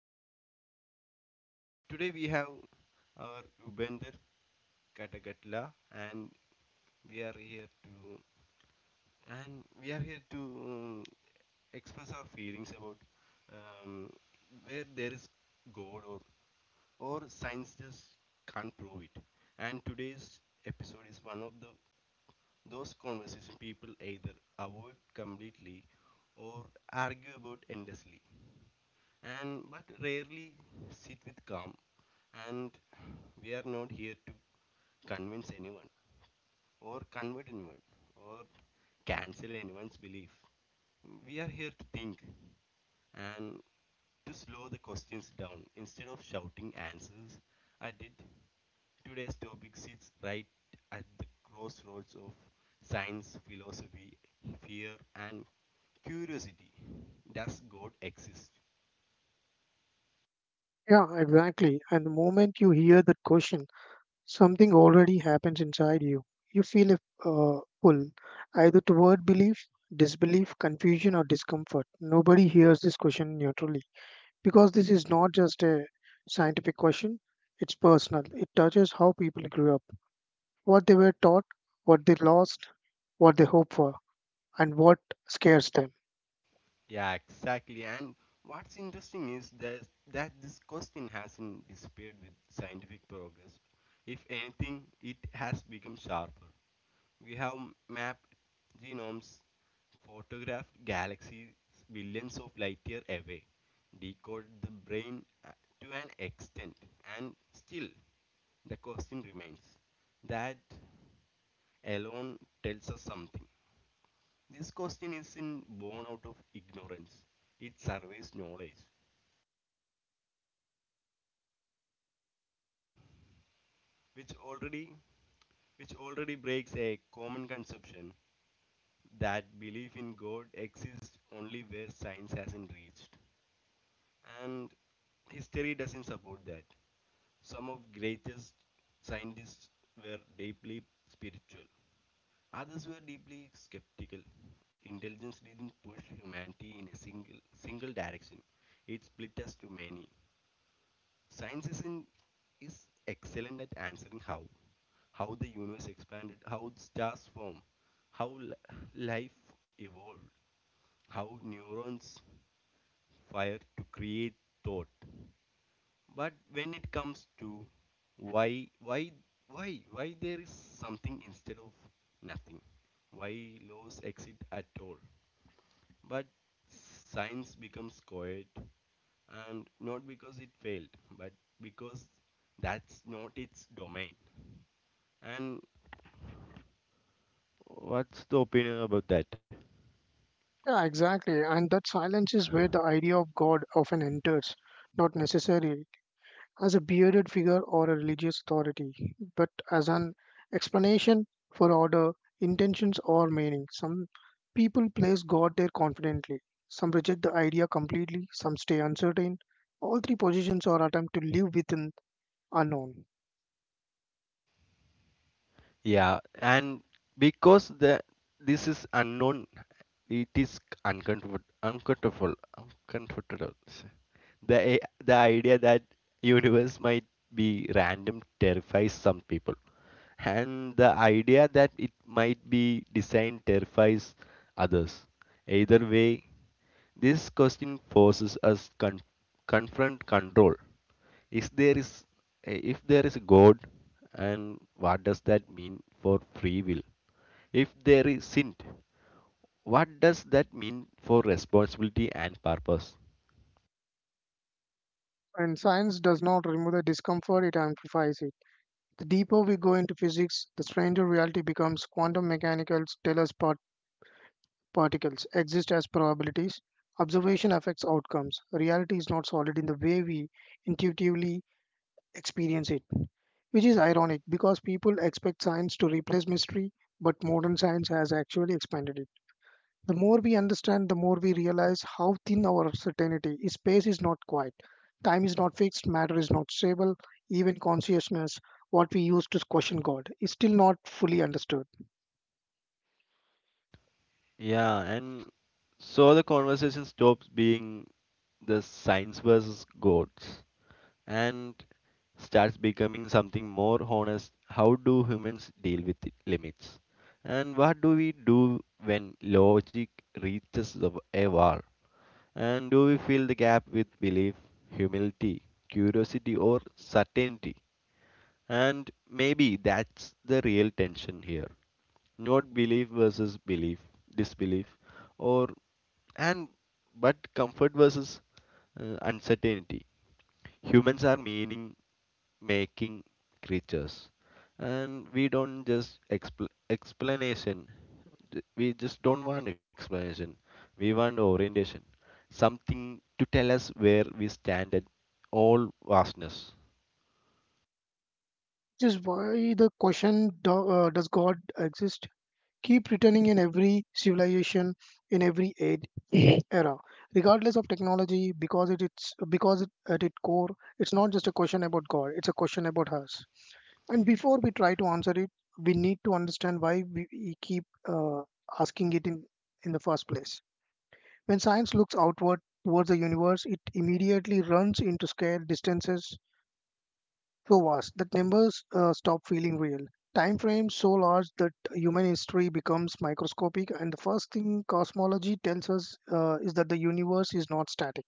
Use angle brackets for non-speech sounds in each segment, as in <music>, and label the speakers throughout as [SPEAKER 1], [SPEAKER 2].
[SPEAKER 1] And mm Today we have our Ubender Katagatla, and we are here to we are here to express our feelings about um, where there is God, or science just can't prove it. And today's episode is one of the those conversations people either avoid completely, or argue about endlessly, and but rarely sit with calm. And we are not here to convince anyone, or convert anyone, or cancel anyone's belief. We are here to think, and to slow the questions down instead of shouting answers. I did Today's topic sits right at the crossroads of science, philosophy, fear, and curiosity. Does God exist?
[SPEAKER 2] Yeah, exactly. And the moment you hear that question, something already happens inside you. You feel a pull, either toward belief, disbelief, confusion, or discomfort. Nobody hears this question neutrally because this is not just a scientific question, it's personal. It touches how people grew up, what they were taught, what they lost, what they hope for, and what scares them.
[SPEAKER 1] Yeah, exactly. And what's interesting is that this question hasn't disappeared with scientific progress. If anything, it has become sharper. We have mapped genomes, photographed galaxies billions of light year away, decoded the brain to an extent, and still the question remains. That alone tells us something. This question isn't born out of ignorance; it surveys knowledge, which already which already breaks a common conception that belief in God exists only where science hasn't reached. And history doesn't support that. Some of greatest scientists were deeply spiritual. Others were deeply skeptical. Intelligence didn't push humanity in a single direction. It split us too many. Science is excellent at answering how. How the universe expanded, how stars form, how life evolved, how neurons fire to create thought. But when it comes to why, why, why there is something instead of nothing, why laws exist at all, but science becomes quiet, and not because it failed, but because that's not its domain. And what's the opinion about that?
[SPEAKER 2] Yeah, exactly. And that silence is where the idea of God often enters, not necessarily as a bearded figure or a religious authority, but as an explanation for order, intentions, or meaning. Some people place God there confidently, some reject the idea completely, some stay uncertain. All three positions are attempt to live within unknown.
[SPEAKER 1] Yeah, and because the this is unknown, it is uncomfortable, uncomfortable, uncomfortable. The the idea that universe might be random terrifies some people, and the idea that it might be designed terrifies others. Either way, this question forces us confront control. If there is, if there is a God, and what does that mean for free will? If there isn't, what does that mean for responsibility and purpose?
[SPEAKER 2] And science does not remove the discomfort, it amplifies it. The deeper we go into physics, the stranger reality becomes. Quantum mechanics tell us particles exist as probabilities. Observation affects outcomes. Reality is not solid in the way we intuitively experience it, which is ironic because people expect science to replace mystery, but modern science has actually expanded it. The more we understand, the more we realize how thin our certainty is. Space is not quiet, time is not fixed, matter is not stable, even consciousness, what we use to question God, is still not fully understood.
[SPEAKER 1] Yeah, and so the conversation stops being the science versus gods, and starts becoming something more honest. How do humans deal with limits? And what do we do when logic reaches a wall? And do we fill the gap with belief, humility, curiosity, or certainty? And maybe that's the real tension here. Not belief versus belief, disbelief, or and but comfort versus uncertainty. Humans are meaning making creatures, and we don't just expl- explanation Th- we just don't want explanation, we want orientation, something to tell us where we stand at all vastness.
[SPEAKER 2] This is why the question does God exist keep returning in every civilization, in every age, era, regardless of technology, because at its core, it's not just a question about God; it's a question about us. And before we try to answer it, we need to understand why we keep asking it in the first place. When science looks outward towards the universe, it immediately runs into scale distances so vast that numbers stop feeling real. Time frames so large that human history becomes microscopic, and the first thing cosmology tells us is that the universe is not static;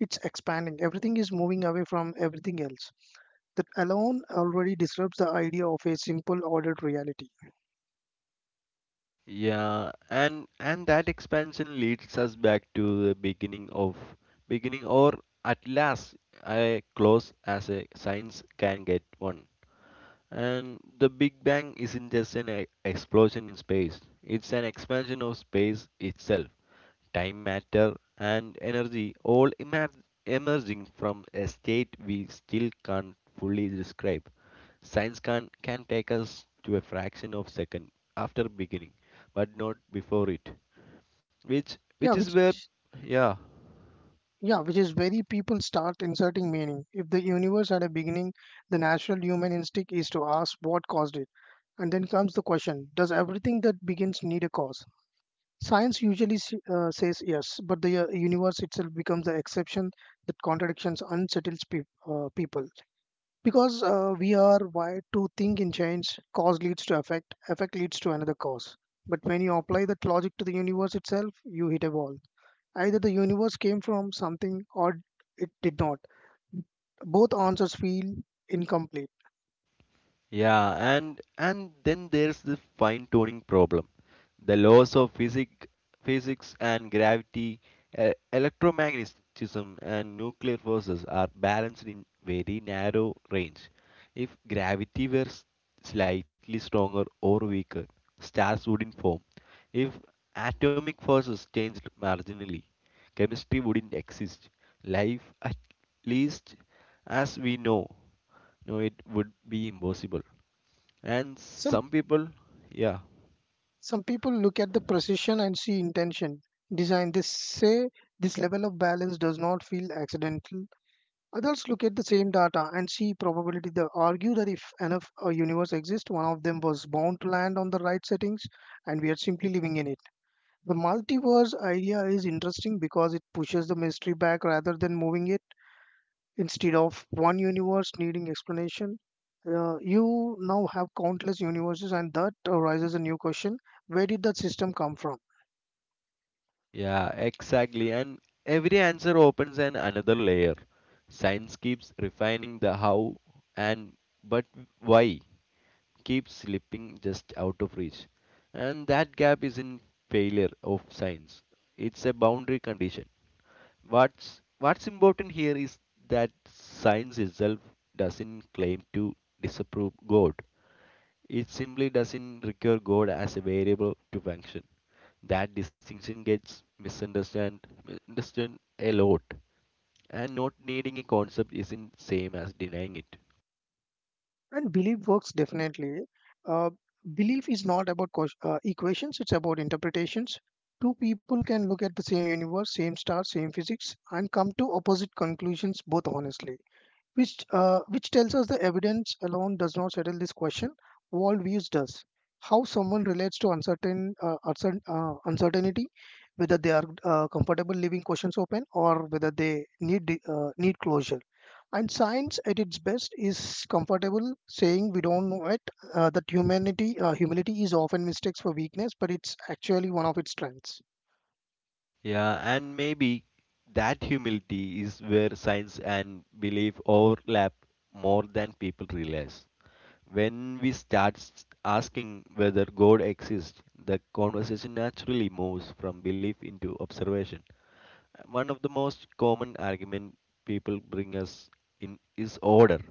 [SPEAKER 2] it's expanding. Everything is moving away from everything else. That alone already disrupts the idea of a simple, ordered reality.
[SPEAKER 1] Yeah, and that expansion leads us back to the beginning of beginning, or at last a close as a science can get one. And the Big Bang isn't just an explosion in space, it's an expansion of space itself. Time, matter, and energy all emerging from a state we still can't fully describe. Can take us to a fraction of second after beginning, but not before it. Which
[SPEAKER 2] Yeah,
[SPEAKER 1] which is where
[SPEAKER 2] which
[SPEAKER 1] yeah.
[SPEAKER 2] Yeah, which is very people start inserting meaning. If the universe had a beginning, the natural human instinct is to ask what caused it. And then comes the question: does everything that begins need a cause? Science usually says yes, but the universe itself becomes the exception that contradictions unsettles people. Because we are wired to think in chains, cause leads to effect, effect leads to another cause. But when you apply that logic to the universe itself, you hit a wall. Either the universe came from something or it did not. Both answers feel incomplete.
[SPEAKER 1] Yeah, and then there's the fine tuning problem. The laws of physics and gravity, electromagnetism, and nuclear forces are balanced in very narrow range. If gravity were slightly stronger or weaker, stars wouldn't form. If atomic forces changed marginally, chemistry wouldn't exist. Life, at least as we know, no, it would be impossible. And
[SPEAKER 2] Some
[SPEAKER 1] some people, yeah.
[SPEAKER 2] some people look at the precision and see intention. Design, this say this level of balance does not feel accidental. Others look at the same data and see probability. They argue that if enough a universe exists, one of them was bound to land on the right settings, and we are simply living in it. The multiverse idea is interesting because it pushes the mystery back rather than moving it. Instead of one universe needing explanation, you now have countless universes, and that arises a new question: where did that system come from?
[SPEAKER 1] Yeah, exactly. And every answer opens an another layer. Science keeps refining the how, and but why keeps slipping just out of reach. And that gap is in failure of science. It's a boundary condition. What's important here is that science itself doesn't claim to disapprove God. It simply doesn't require God as a variable to function. That distinction gets misunderstood a lot, and not needing a concept isn't same as denying it.
[SPEAKER 2] And belief works definitely. Uh, Belief is not about equations, it's about interpretations. Two people can look at the same universe, same stars, same physics, and come to opposite conclusions both honestly, which tells us the evidence alone does not settle this question. Worldviews does. How someone relates to uncertainty, whether they are comfortable leaving questions open or whether they need need closure. And science, at its best, is comfortable saying we don't know it. That humanity humility is often mistakes for weakness, but it's actually one of its strengths.
[SPEAKER 1] Yeah, and maybe that humility is where science and belief overlap more than people realize. When we start asking whether God exists, the conversation naturally moves from belief into observation. One of the most common argument people bring us in is order,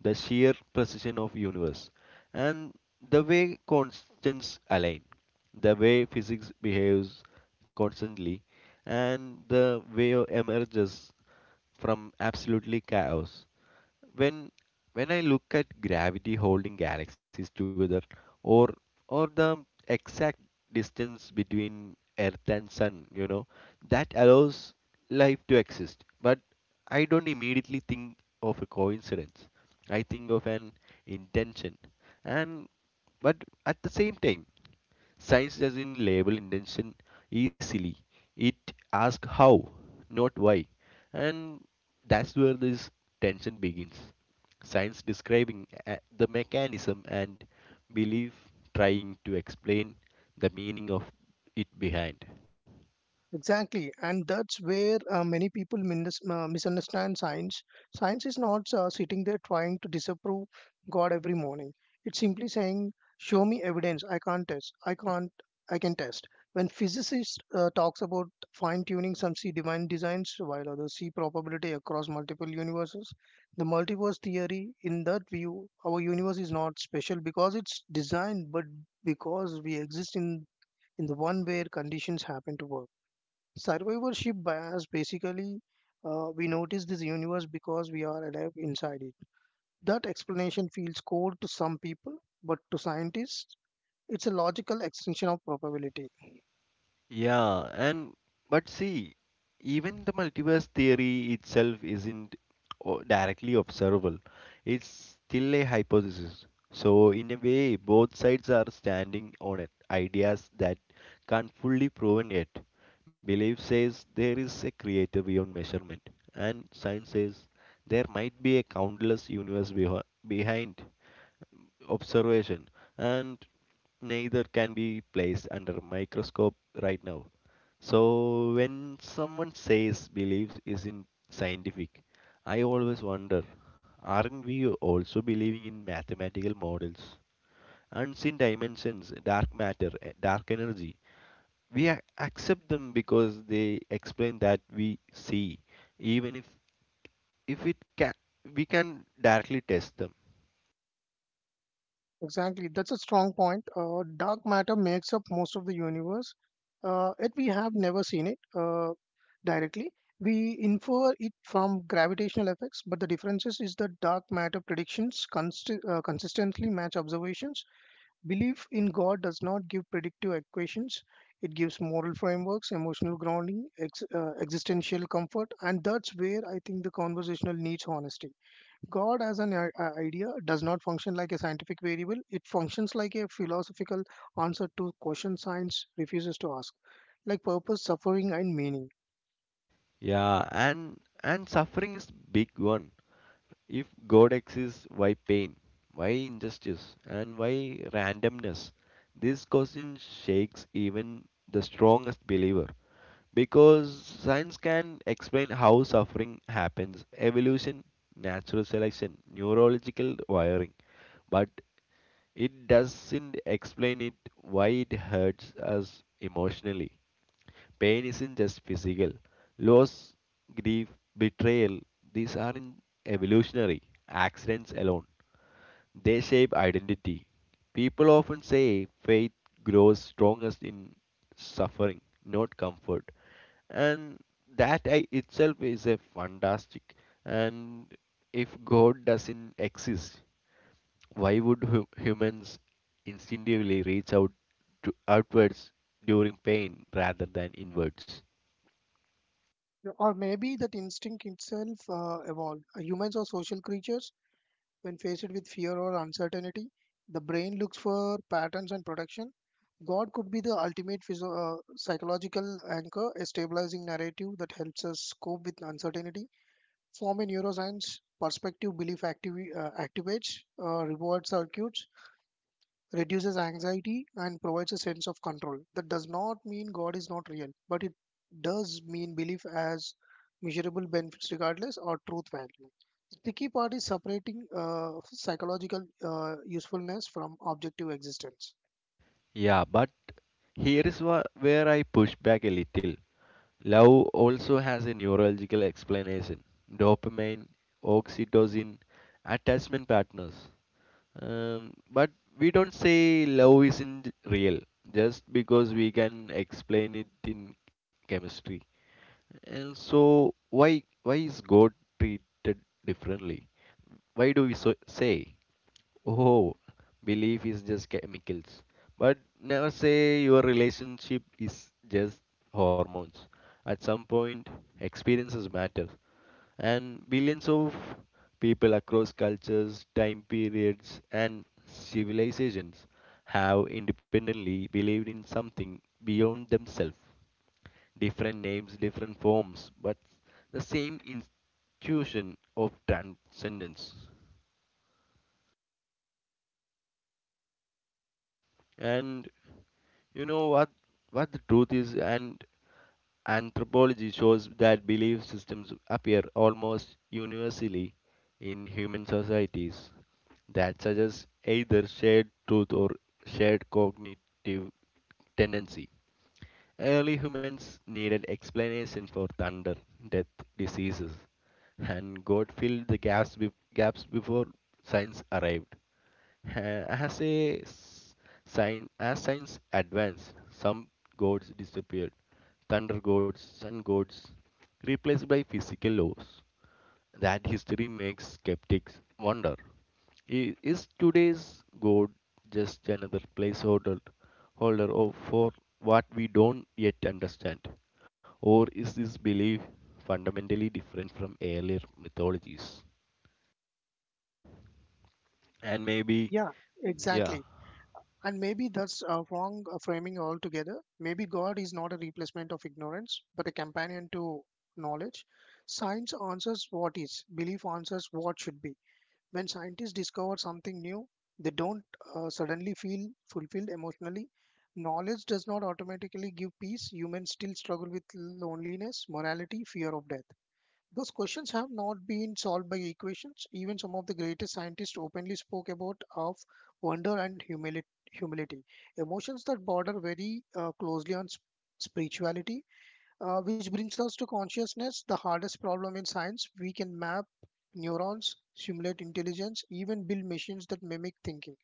[SPEAKER 1] the sheer precision of universe, and the way constants align, the way physics behaves constantly, and the way emerges from absolutely chaos. When when I look at gravity holding galaxies together, or or the exact distance between Earth and Sun, you know, that allows life to exist. But I don't immediately think of a coincidence. I think of an intention. And but at the same time, science doesn't label intention easily. It asks how, not why. And that's where this tension begins. Science describing the mechanism, and belief trying to explain the meaning of it behind.
[SPEAKER 2] Exactly, and that's where many people misunderstand science. Science is not sitting there trying to disapprove God every morning. It's simply saying, "Show me evidence. I can't test. I can't. I can test." When physicist talks about fine-tuning, some see divine designs, while others see probability across multiple universes. The multiverse theory, in that view, our universe is not special because it's designed, but because we exist in the one where conditions happen to work. Survivorship bias basically, we notice this universe because we are alive inside it. That explanation feels cold to some people, but to scientists, it's a logical extension of probability.
[SPEAKER 1] Yeah, and but see, even the multiverse theory itself isn't directly observable. It's still a hypothesis. So in a way, both sides are standing on it. Ideas that can't fully proven yet. Belief says there is a creator beyond measurement, and science says there might be a countless universe behind observation, and neither can be placed under a microscope right now. So when someone says beliefs isn't scientific, I always wonder, aren't we also believing in mathematical models, unseen dimensions, dark matter, eh, dark energy? We accept them because they explain that we see, even if it can we can directly test them.
[SPEAKER 2] Exactly, that's a strong point. Dark matter makes up most of the universe, yet we have never seen it directly. We infer it from gravitational effects, but the difference is that dark matter predictions consistently match observations. Belief in God does not give predictive equations. It gives moral frameworks, emotional grounding, existential comfort, and that's where I think the conversational needs honesty. God as an idea does not function like a scientific variable. It functions like a philosophical answer to questions science refuses to ask, like purpose, suffering, and meaning.
[SPEAKER 1] Yeah, and suffering is big one. If God exists, why pain? Why injustice? And why randomness? This question shakes even the strongest believer, because science can explain how suffering happens: evolution, natural selection, neurological wiring, but it doesn't explain it why it hurts us emotionally. Pain isn't just physical. Loss, grief, betrayal, these aren't evolutionary accidents alone. They shape identity. People often say faith grows strongest in suffering, not comfort. And that itself is a fantastic. And if God doesn't exist, why would humans instinctively reach out to outwards during pain rather than inwards?
[SPEAKER 2] Or maybe that instinct itself evolved. Humans are social creatures. When faced with fear or uncertainty, the brain looks for patterns and protection. God could be the ultimate psychological anchor, a stabilizing narrative that helps us cope with uncertainty. From a neuroscience perspective, belief activates reward circuits, reduces anxiety, and provides a sense of control. That does not mean God is not real, but it does mean belief as measurable benefits regardless or truth value. The tricky part is separating psychological usefulness from objective existence.
[SPEAKER 1] Yeah, but here is where I push back a little. Love also has a neurological explanation. Dopamine, oxytocin, attachment partners. But we don't say love isn't real just because we can explain it in chemistry. And so why is God treated differently? Why do we so say? Oh, belief is just chemicals. But never say your relationship is just hormones. At some point, experiences matter. And billions of people across cultures, time periods, and civilizations have independently believed in something beyond themselves. Different names, different forms, but the same institution of transcendence. And you know what the truth is, and anthropology shows that belief systems appear almost universally in human societies, that suggest either shared truth or shared cognitive tendency. Early humans needed explanation for thunder, death, diseases, and God filled the gaps, gaps before science arrived. Ha- As a s- sign, as science advanced, some gods disappeared. Thunder gods, sun gods, replaced by physical laws. That history makes skeptics wonder. Is today's god just another placeholder holder of for what we don't yet understand? Or is this belief fundamentally different from earlier mythologies? And maybe,
[SPEAKER 2] Yeah,
[SPEAKER 1] yeah.
[SPEAKER 2] exactly. And maybe that's a wrong framing altogether. Maybe God is not a replacement of ignorance, but a companion to knowledge. Science answers what is, belief answers what should be. When scientists discover something new, they don't suddenly feel fulfilled emotionally. Knowledge does not automatically give peace. Humans still struggle with loneliness, morality, fear of death. Those questions have not been solved by equations. Even some of the greatest scientists openly spoke about of wonder and humility. Emotions that border very closely on spirituality, which brings us to consciousness, the hardest problem in science. We can map neurons, simulate intelligence, even build machines that mimic thinking.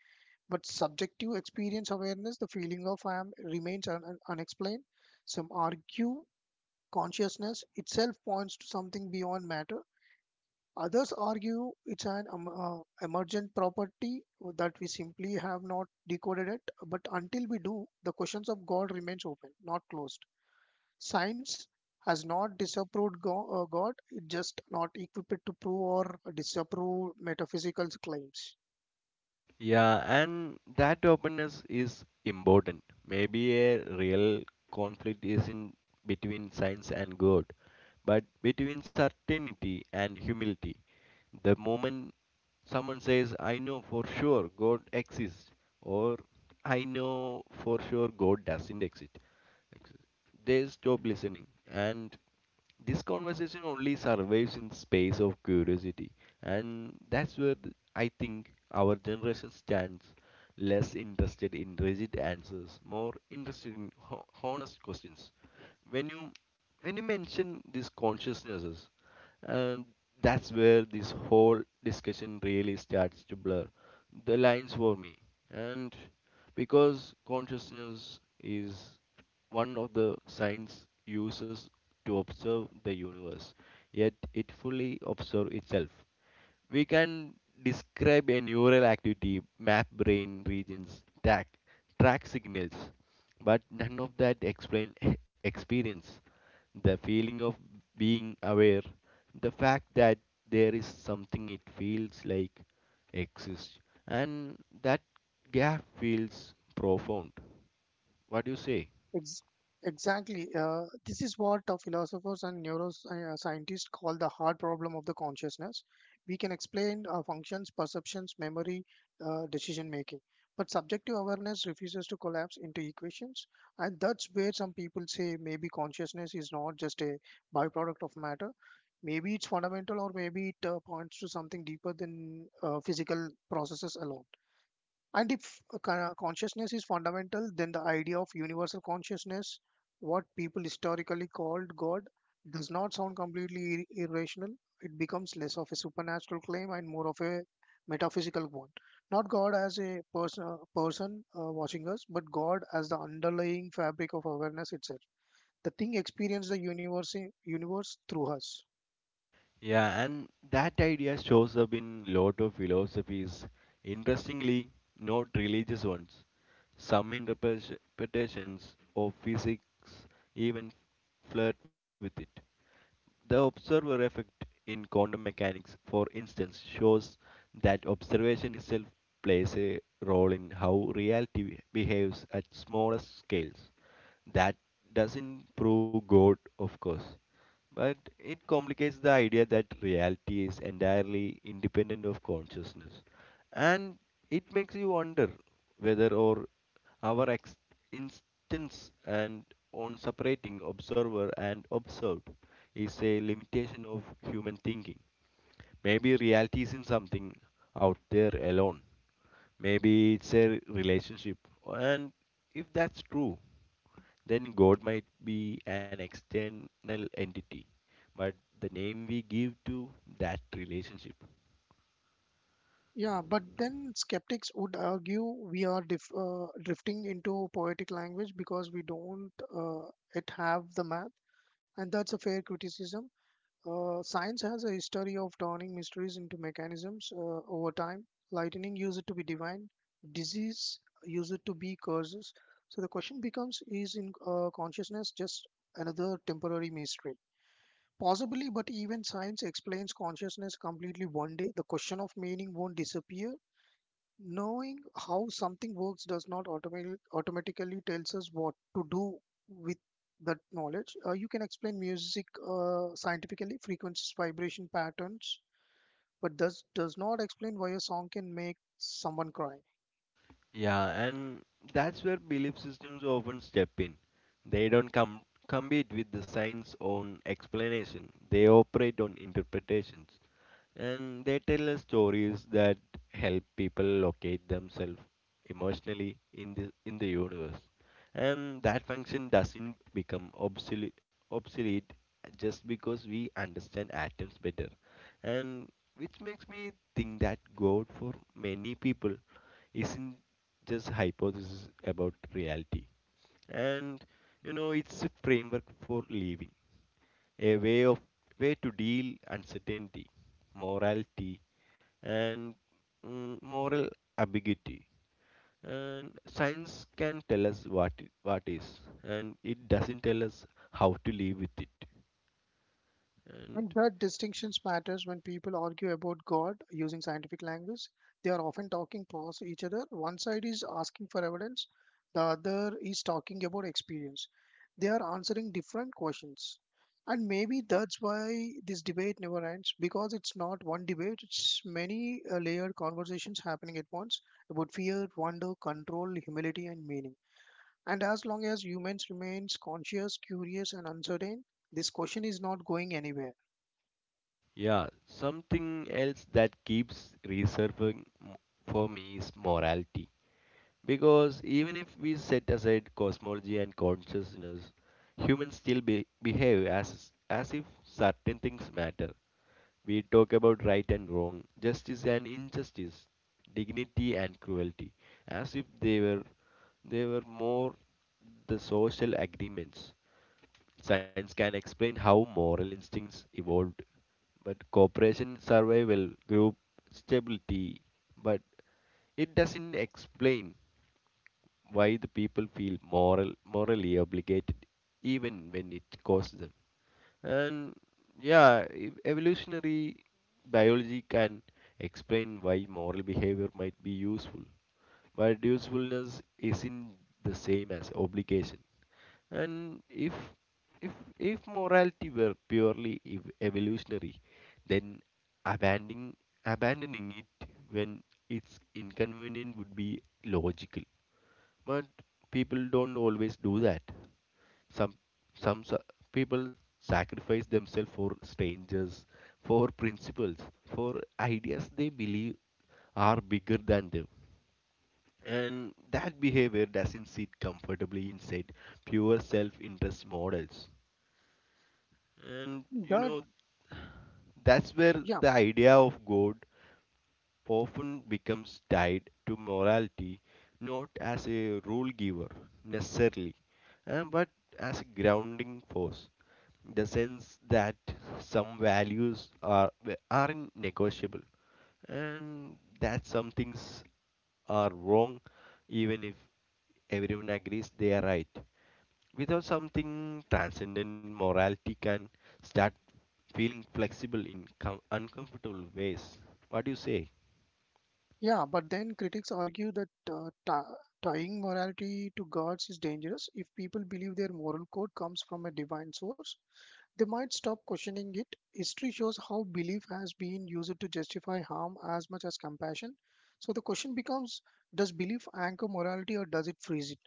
[SPEAKER 2] But subjective experience awareness, the feeling of I am, remains unexplained. Some argue consciousness itself points to something beyond matter. Others argue it's an emergent property that we simply have not decoded it. But until we do, the questions of God remains open, not closed. Science has not disapproved God, it just not equipped to prove or disapprove metaphysical claims.
[SPEAKER 1] Yeah, and that openness is important. Maybe a real conflict isn't between science and God, but between certainty and humility. The moment someone says, "I know for sure God exists," or "I know for sure God doesn't exist," they stop listening, and this conversation only survives in space of curiosity. And that's where I think our generation stands, less interested in rigid answers, more interested in honest questions. When you when you mention these consciousnesses, and that's where this whole discussion really starts to blur the lines for me, and because consciousness is one of the science uses to observe the universe, yet it fully observes itself. We can describe a neural activity, map brain regions, track signals, but none of that explain <laughs> experience, the feeling of being aware, the fact that there is something it feels like exists, and that gap feels profound. What do you say?
[SPEAKER 2] Ex- exactly. This is what philosophers and neuroscientists call the hard problem of the consciousness. We can explain functions, perceptions, memory, decision making. But subjective awareness refuses to collapse into equations. And that's where some people say maybe consciousness is not just a byproduct of matter. Maybe it's fundamental, or maybe it points to something deeper than physical processes alone. And if a kind consciousness is fundamental, then the idea of universal consciousness, what people historically called God, does not sound completely irrational. It becomes less of a supernatural claim and more of a metaphysical one. Not God as a person watching us, but God as the underlying fabric of awareness itself. The thing experiences the universe through us.
[SPEAKER 1] Yeah, and that idea shows up in lot of philosophies. Interestingly, not religious ones. Some interpretations of physics even flirt with it. The observer effect in quantum mechanics, for instance, shows that observation itself plays a role in how reality behaves at smaller scales. That doesn't prove God, of course, but it complicates the idea that reality is entirely independent of consciousness. And it makes you wonder whether or our instance and on separating observer and observed is a limitation of human thinking. Maybe reality isn't something out there alone. Maybe it's a relationship. And if that's true, then God might be an external entity, but the name we give to that relationship.
[SPEAKER 2] Yeah, but then skeptics would argue we are dif drifting into poetic language because we don't uh, it have the math, and that's a fair criticism. Science has a history of turning mysteries into mechanisms over time. Lightning used to be divine, disease used to be curses. So the question becomes, is in consciousness just another temporary mystery? Possibly, but even science explains consciousness completely one day. The question of meaning won't disappear. Knowing how something works does not automatically tells us what to do with that knowledge. You can explain music scientifically, frequencies, vibration patterns, but does not explain why a song can make someone cry.
[SPEAKER 1] Yeah, and that's where belief systems often step in. They don't come compete with the science on explanation. They operate on interpretations. And they tell us stories that help people locate themselves emotionally in the universe. And that function doesn't become obsolete just because we understand atoms better. And which makes me think that God, for many people, isn't just hypothesis about reality. And it's a framework for living, a way to deal uncertainty, morality, and moral ambiguity. And science can tell us what is, and it doesn't tell us how to live with it. And
[SPEAKER 2] And that distinctions matters when people argue about God using scientific language. They are often talking past each other. One side is asking for evidence, the other is talking about experience. They are answering different questions. And maybe that's why this debate never ends because it's not one debate, it's many layered conversations happening at once about fear, wonder, control, humility, and meaning. And as long as humans remains conscious, curious, and uncertain, this question is not going anywhere.
[SPEAKER 1] yeah, something else that keeps resurfacing for me is morality. Because even if we set aside cosmology and consciousness, humans still behave as if certain things matter. We talk about right and wrong, justice and injustice, dignity and cruelty, as if they were more the social agreements. Science can explain how moral instincts evolved, but cooperation, survival, group stability, but it doesn't explain why the people feel morally obligated even when it costs them. And yeah, evolutionary biology can explain why moral behavior might be useful, but usefulness isn't the same as obligation. And if if morality were purely evolutionary, then abandoning abandoning it when it's inconvenient would be logical, but people don't always do that. Some some people sacrifice themselves for strangers, for principles, for ideas they believe are bigger than them. And that behavior doesn't sit comfortably inside pure self interest models. And you
[SPEAKER 2] That,
[SPEAKER 1] know, that's where
[SPEAKER 2] yeah,
[SPEAKER 1] the idea of God often becomes tied to morality, not as a rule giver necessarily, but as a grounding force. The sense that some values aren't negotiable, and that some things are wrong even if everyone agrees they are right. Without something transcendent, morality can start feeling flexible in uncomfortable ways. What do you say?
[SPEAKER 2] yeah, but then critics argue that tying morality to gods is dangerous if people believe their moral code comes from a divine source. They might stop questioning it. History shows how belief has been used to justify harm as much as compassion. So the question becomes: does belief anchor morality, or does it freeze it?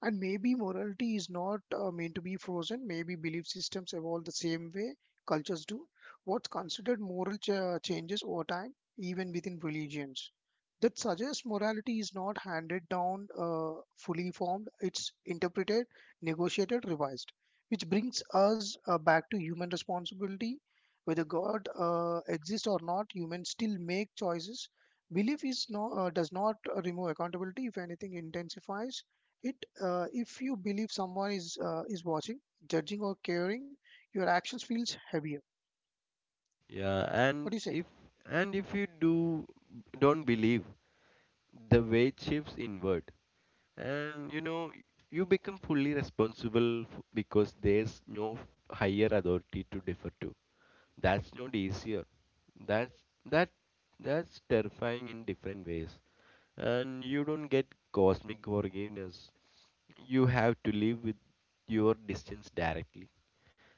[SPEAKER 2] And maybe morality is not meant to be frozen. Maybe belief systems evolve the same way cultures do. What's considered moral changes over time, even within religions. That suggests morality is not handed down fully formed. It's interpreted, negotiated, revised, which brings us back to human responsibility. Whether God exists or not, humans still make choices. Belief is does not remove accountability. If anything, intensifies it. If you believe someone is watching, judging, or caring, your actions feels heavier.
[SPEAKER 1] Yeah,
[SPEAKER 2] What do
[SPEAKER 1] and
[SPEAKER 2] you say?
[SPEAKER 1] if you do don't believe, the weight shifts inward, and you know, you become fully responsible because there's no higher authority to defer to. That's not easier. That's that that's terrifying in different ways, and you don't get cosmic forgiveness. You have to live with your distance directly.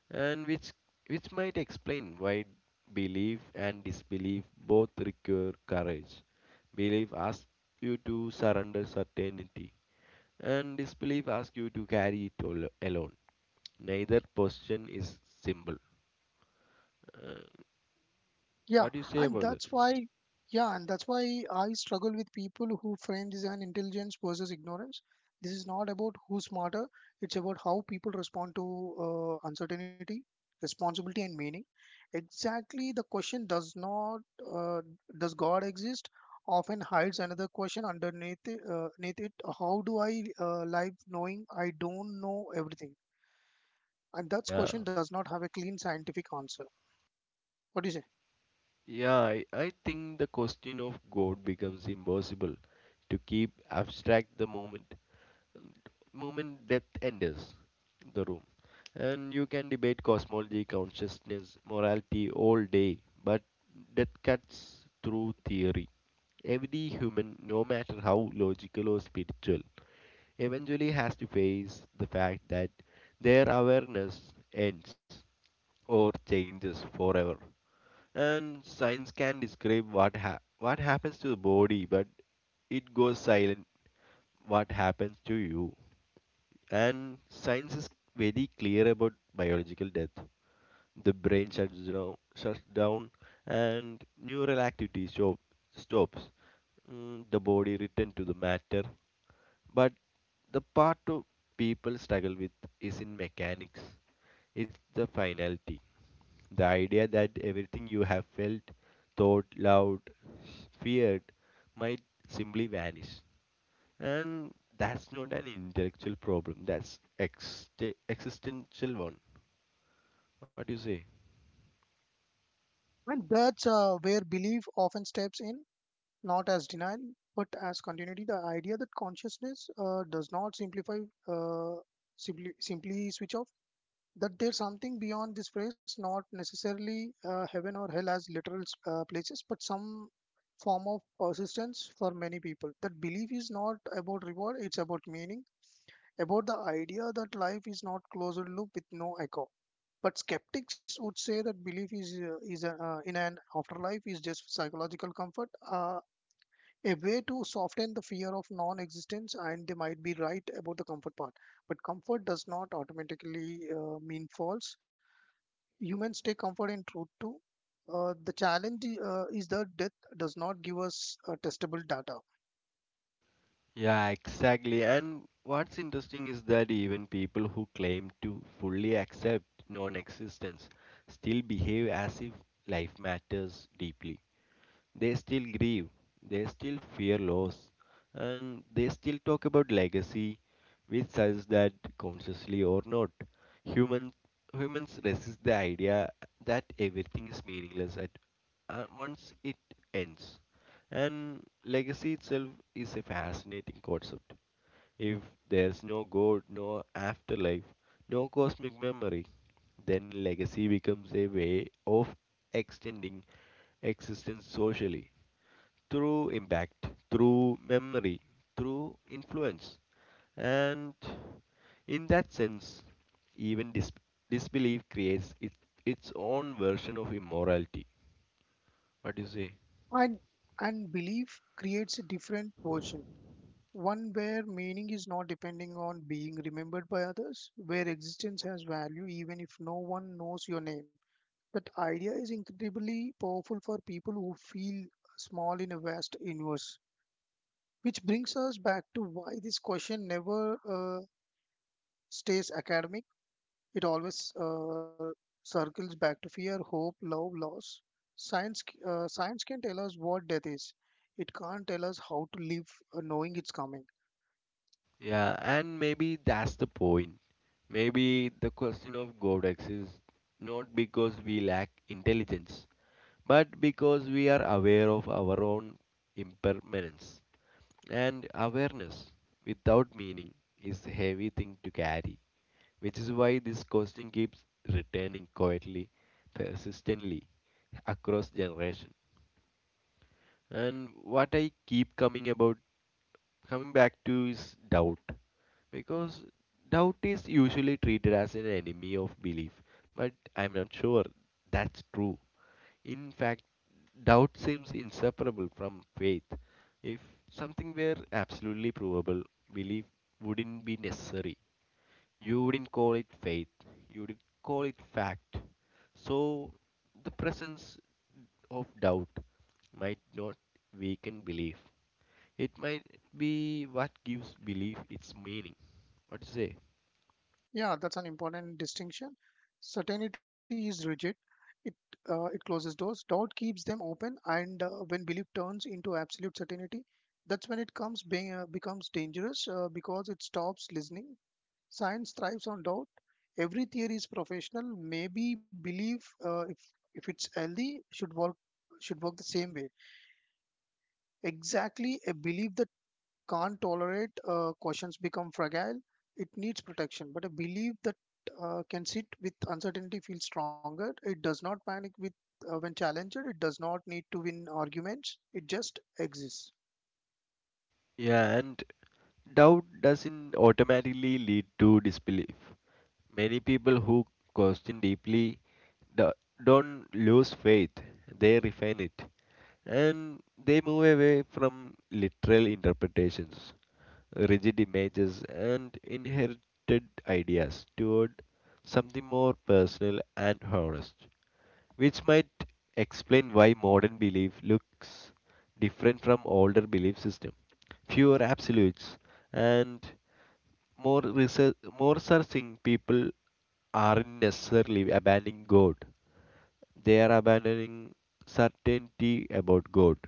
[SPEAKER 1] And which which might explain why belief and disbelief both require courage. Belief asks you to surrender certainty, and disbelief asks you to carry it alone. Neither position is simple. Uh,
[SPEAKER 2] Yeah,
[SPEAKER 1] what do you say
[SPEAKER 2] and
[SPEAKER 1] about that?
[SPEAKER 2] that's why, yeah, and that's why I struggle with people who frame this as intelligence versus ignorance. This is not about who's smarter, it's about how people respond to uncertainty, responsibility, and meaning. Exactly, the question does not, uh, does God exist? Often hides another question underneath it, neath it. How do I live knowing I don't know everything? And that
[SPEAKER 1] Yeah,
[SPEAKER 2] question does not have a clean scientific answer. What do you say?
[SPEAKER 1] yeah. I think the question of God becomes impossible to keep abstract the moment that enters the room. And you can debate cosmology, consciousness, morality all day, but that cuts through theory. Every human, no matter how logical or spiritual, eventually has to face the fact that their awareness ends or changes forever. And science can describe what happens to the body, but it goes silent what happens to you. And science is very clear about biological death. The brain shuts down and neural stops. The body returns to the matter. But the part of people struggle with is in mechanics. It's the finality. The idea that everything you have felt, thought, loved, feared might simply vanish. And that's not an intellectual problem, that's existential one. What do you say?
[SPEAKER 2] And that's where belief often steps in, not as denial, but as continuity. The idea that consciousness uh, does not simplify, uh, simply, simply switch off, that there's something beyond this phrase, not necessarily heaven or hell as literal places, but some form of persistence for many people. That belief is not about reward, it's about meaning, about the idea that life is not closed loop with no echo. But skeptics would say that belief in an afterlife is just psychological comfort, a way to soften the fear of non-existence, and they might be right about the comfort part. But comfort does not automatically mean false. Humans take comfort in truth too. The challenge is that death does not give us testable data,
[SPEAKER 1] Yeah, exactly. And what's interesting is that even people who claim to fully accept non existence still behave as if life matters deeply. They still grieve, they still fear loss, and they still talk about legacy, which suggests that, consciously or not, human, humans resist the idea that everything is meaningless at once it ends. And legacy itself is a fascinating concept. If there's no God, no afterlife, no cosmic memory, then legacy becomes a way of extending existence socially, through impact, through memory, through influence. And in that sense, even disbelief creates its own version of immorality. What do you say?
[SPEAKER 2] and and belief creates a different version. One where meaning is not depending on being remembered by others, where existence has value even if no one knows your name. That idea is incredibly powerful for people who feel small in a vast universe. Which brings us back to why this question never stays academic, it always circles back to fear, hope, love, loss. Science, c- science can tell us what death is, it can't tell us how to live knowing it's coming.
[SPEAKER 1] Yeah, and maybe that's the point. Maybe the question of God exists not because we lack intelligence, but because we are aware of our own impermanence. And awareness without meaning is a heavy thing to carry, which is why this question keeps returning quietly, persistently, across generation. And what I keep coming back to is doubt, because doubt is usually treated as an enemy of belief, but I'm not sure that's true. In fact, doubt seems inseparable from faith. If something were absolutely provable, belief wouldn't be necessary. You wouldn't call it faith, you would call it fact. So, the presence of doubt might not weaken belief. It might be what gives belief its meaning. What do you say?
[SPEAKER 2] Yeah, that's an important distinction. Certainty is rigid. It, it closes doors. Doubt keeps them open, and when belief turns into absolute certainty, that's when it becomes dangerous because it stops listening. Science thrives on doubt. Every theory is professional. Maybe belief, if it's healthy, should work the same way. Exactly, a belief that can't tolerate questions become fragile, it needs protection, but a belief that can sit with uncertainty feels stronger. It does not panic with when challenged, it does not need to win arguments, it just exists.
[SPEAKER 1] Yeah, and doubt doesn't automatically lead to disbelief. Many people who question deeply do- don't lose faith, they refine it, and they move away from literal interpretations, rigid images, and inherited ideas toward something more personal and honest, which might explain why modern belief looks different from older belief system. Fewer absolutes and more research, more searching. People aren't necessarily abandoning God. They are abandoning certainty about God.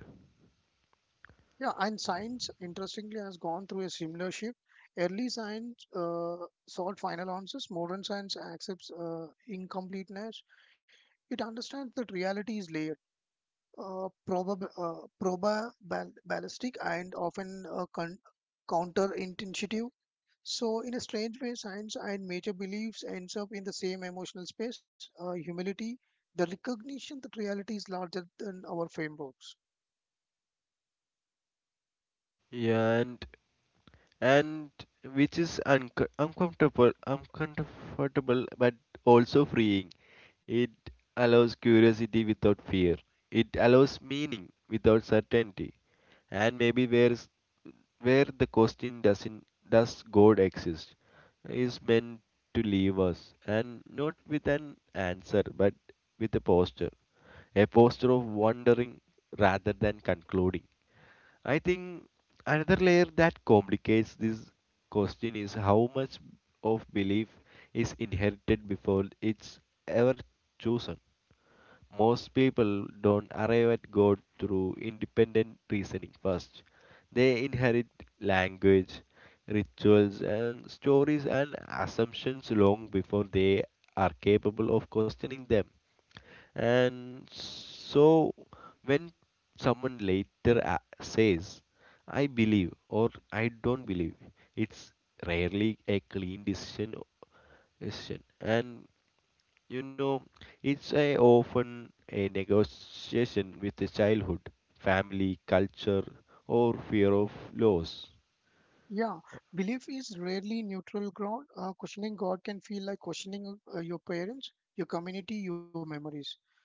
[SPEAKER 2] Yeah, and science interestingly has gone through a similar shift. Early science sought final answers. Modern science accepts incompleteness. It understands that reality is layered, probabilistic, and often counterintuitive. So, in a strange way, science and major beliefs ends up in the same emotional space, humility, the recognition that reality is larger than our frameworks.
[SPEAKER 1] Yeah, and which is uncomfortable, but also freeing. It allows curiosity without fear. It allows meaning without certainty, and maybe where the question doesn't does God exist is meant to leave us, and not with an answer, but with a posture of wondering rather than concluding. I think another layer that complicates this question is how much of belief is inherited before it's ever chosen. Most people don't arrive at God through independent reasoning first. They inherit language, rituals, and stories and assumptions long before they are capable of questioning them. And so when someone later says, I believe or I don't believe, it's rarely a clean decision. And you know, it's often a negotiation with the childhood, family, culture, or fear of loss.
[SPEAKER 2] Yeah, belief is rarely neutral ground. Questioning God can feel like questioning your parents, your community, your memories.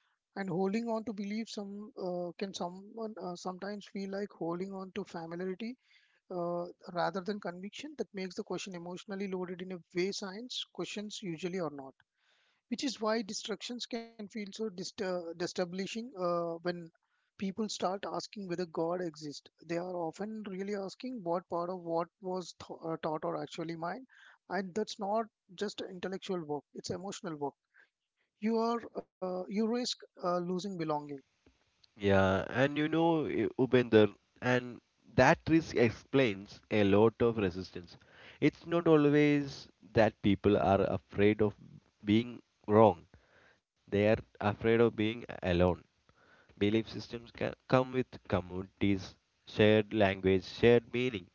[SPEAKER 2] And holding on to belief some can someone sometimes feel like holding on to familiarity uh, rather than conviction. That makes the question emotionally loaded in a way science questions usually are not, which is why distractions can feel so destabilizing when people start asking whether God exists. They are often really asking what part of what was taught or actually mine, and that's not just intellectual work; it's emotional work. You are you risk losing belonging.
[SPEAKER 1] Yeah, and you know, eh, Upender, and that risk explains a lot of resistance. It's not always that people are afraid of being wrong, they are afraid of being alone. Belief systems can come with communities, shared language, shared meaning.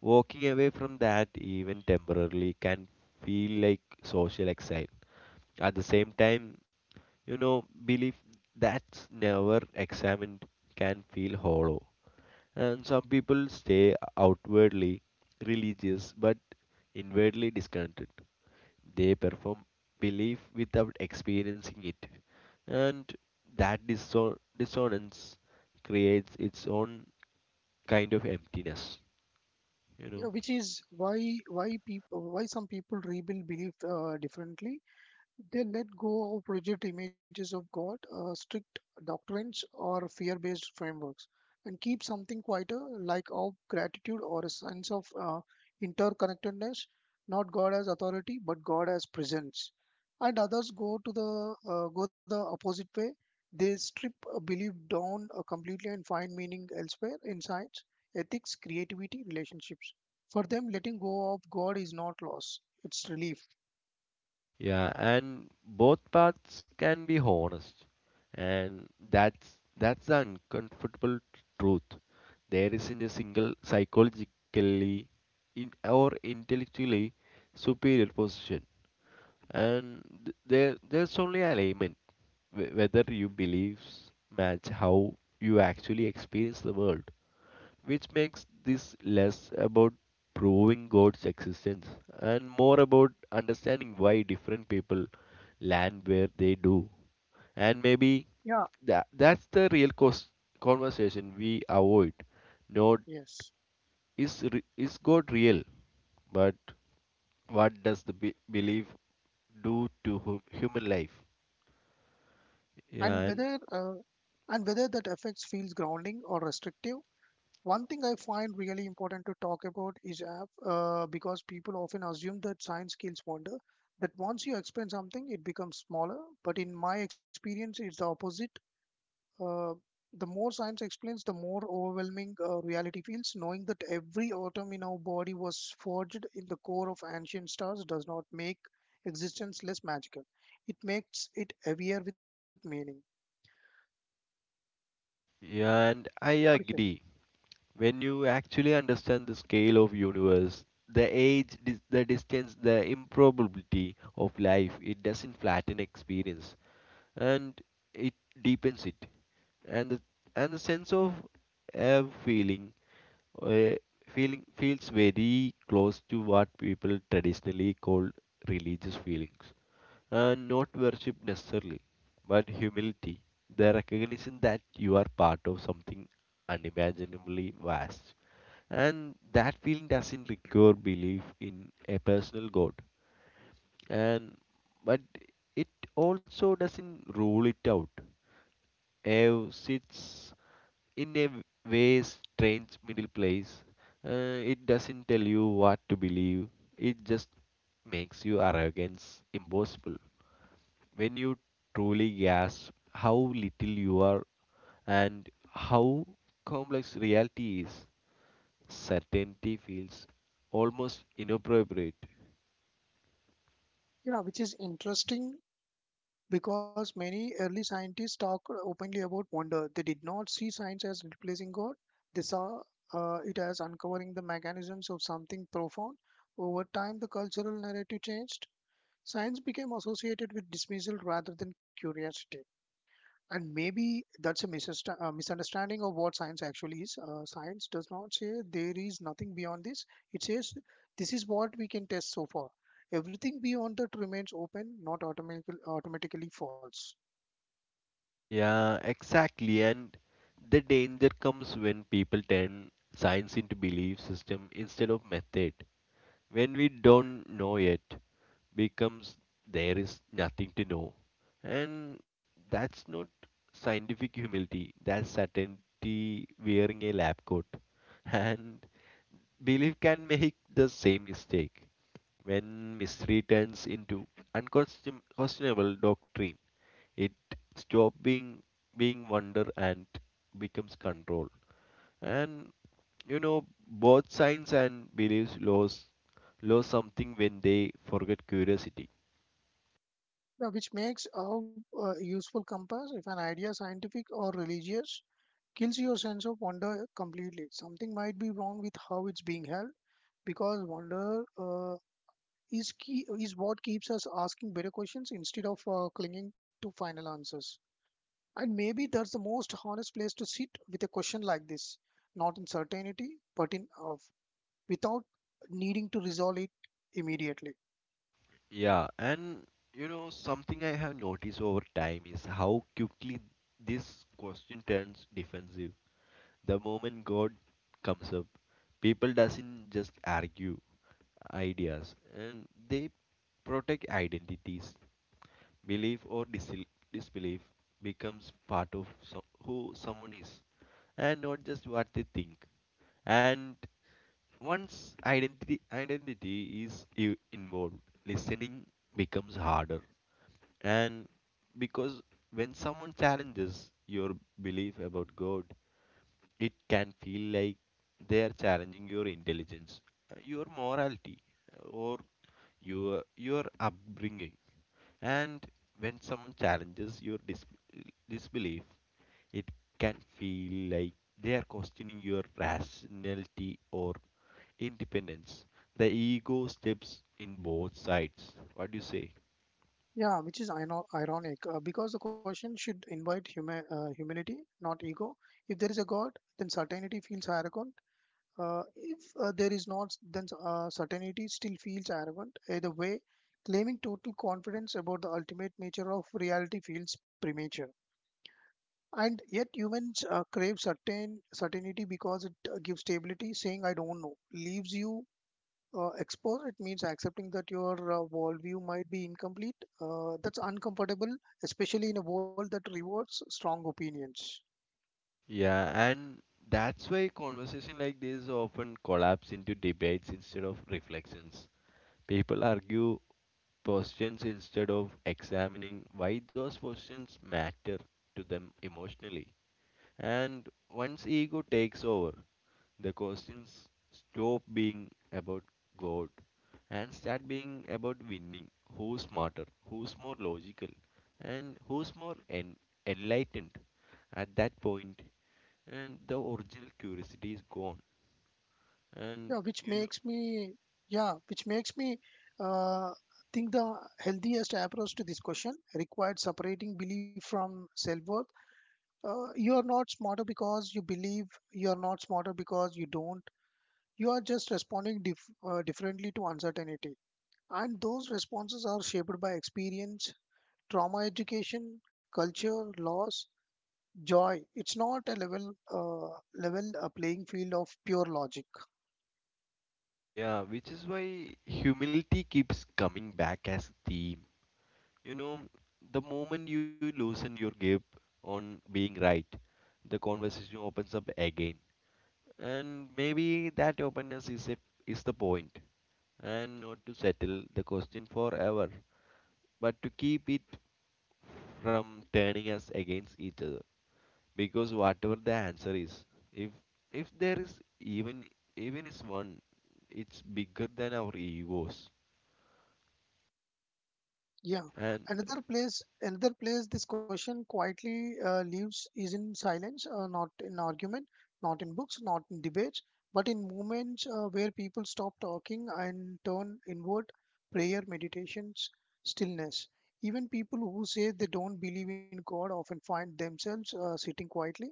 [SPEAKER 1] Walking away from that, even temporarily, can feel like social exile. At the same time, you know, belief that's never examined can feel hollow. And some people stay outwardly religious but inwardly discontented. They perform belief without experiencing it. And that dissonance creates its own kind of emptiness, you
[SPEAKER 2] Yeah,
[SPEAKER 1] know.
[SPEAKER 2] which is why people why some people rebuild belief differently. They let go of rigid images of God, strict doctrines, or fear based frameworks, and keep something quieter like of gratitude or a sense of interconnectedness, not God as authority, but God as presence. And others go to the go the opposite way. They strip a belief down completely and find meaning elsewhere in science, ethics, creativity, relationships. For them, letting go of God is not loss; it's relief.
[SPEAKER 1] Yeah, and both paths can be honest, and that's the uncomfortable truth. There isn't a single psychologically in or intellectually superior position, and there's only alignment, whether your beliefs match how you actually experience the world, which makes this less about proving God's existence and more about understanding why different people land where they do. And maybe
[SPEAKER 2] Yeah.
[SPEAKER 1] that's the real conversation we avoid, not
[SPEAKER 2] Yes.
[SPEAKER 1] is is God real? But what does the belief do to human life?
[SPEAKER 2] And
[SPEAKER 1] Yeah,
[SPEAKER 2] whether
[SPEAKER 1] and
[SPEAKER 2] that affects feels grounding or restrictive. One thing I find really important to talk about is because people often assume that science kills wonder. That once you explain something, it becomes smaller. But in my experience, it's the opposite. Uh, the more science explains, the more overwhelming reality feels. Knowing that every atom in our body was forged in the core of ancient stars does not make existence less magical. It makes it heavier with meaning.
[SPEAKER 1] yeah, and I
[SPEAKER 2] What do you say?
[SPEAKER 1] agree. When you actually understand the scale of universe, the age, the distance, the improbability of life, it doesn't flatten experience, and it deepens it. And the sense of a feeling Uh, feeling feels very close to what people traditionally call religious feelings, and not worship necessarily, but humility, the recognition that you are part of something unimaginably vast. And that feeling doesn't require belief in a personal God, and but it also doesn't rule it out. Eve sits in a way strange middle place. It doesn't tell you what to believe. It just makes your arrogance impossible. When you truly gasp how little you are and how complex reality is, certainty feels almost inappropriate.
[SPEAKER 2] Yeah, which is interesting because many early scientists talk openly about wonder. They did not see science as replacing God, they saw it as uncovering the mechanisms of something profound. Over time, the cultural narrative changed. Science became associated with dismissal rather than curiosity. And maybe that's a misunderstanding of what science actually is. Science does not say there is nothing beyond this. It says this is what we can test so far. Everything beyond that remains open, not automatically false.
[SPEAKER 1] Yeah, exactly. And the danger comes when people turn science into belief system instead of method. When we don't know yet, becomes there is nothing to know, and that's not scientific humility, that's certainty wearing a lab coat <laughs> and belief can make the same mistake. When mystery turns into unquestionable doctrine, it stops being wonder and becomes control. And you know, both science and beliefs lose something when they forget curiosity.
[SPEAKER 2] Now, which makes a useful compass. If an idea, scientific or religious, kills your sense of wonder completely, something might be wrong with how it's being held, because wonder is key, is what keeps us asking better questions instead of clinging to final answers. And maybe that's the most honest place to sit with a question like this, not in certainty, but in of, without needing to resolve it immediately.
[SPEAKER 1] Yeah, and you know, something I have noticed over time is how quickly this question turns defensive. The moment God comes up, people doesn't just argue ideas, and they protect identities. Belief or disbelief becomes part of who someone is and not just what they think. And once identity is involved, listening becomes harder, and because when someone challenges your belief about god, it can feel like they are challenging your intelligence, your morality, or your upbringing. And when someone challenges your disbelief, it can feel like they are questioning your rationality or independence. The ego steps in both sides. What do you say?
[SPEAKER 2] Yeah, which is ironic because the question should invite humility, not ego. If there is a god, then certainty feels hierarchical. If there is not, then certainty still feels arrogant. Either way, claiming total confidence about the ultimate nature of reality feels premature. And yet, humans crave certain certainty because it gives stability. Saying "I don't know" leaves you exposed. It means accepting that your worldview might be incomplete. That's uncomfortable, especially in a world that rewards strong opinions.
[SPEAKER 1] Yeah, and that's why conversation like this often collapse into debates instead of reflections. People argue positions instead of examining why those positions matter to them emotionally. And once ego takes over, the questions stop being about God and start being about winning. Who's smarter? Who's more logical? And who's more enlightened at that point? And the original curiosity is gone. And
[SPEAKER 2] yeah
[SPEAKER 1] you
[SPEAKER 2] which
[SPEAKER 1] know,
[SPEAKER 2] makes me yeah, which makes me uh, think the healthiest approach to this question required separating belief from self-worth. Uh, you are not smarter because you believe, you are not smarter because you don't, you are just responding differently to uncertainty, and those responses are shaped by experience, trauma, education, culture, loss, joy. It's not a uh, level a playing field of pure logic.
[SPEAKER 1] yeah, which is why humility keeps coming back as a theme. You know, the moment you loosen your grip on being right, the conversation opens up again. And maybe that openness is the point, and not to settle the question forever, but to keep it from turning us against each other, because whatever the answer is, if if there is, even even is one, it's bigger than our egos.
[SPEAKER 2] Yeah,
[SPEAKER 1] and
[SPEAKER 2] another place this question quietly lives is in silence, not in argument, not in books, not in debates, but in moments where people stop talking and turn inward, prayer, meditations, stillness. Even people who say they don't believe in God often find themselves sitting quietly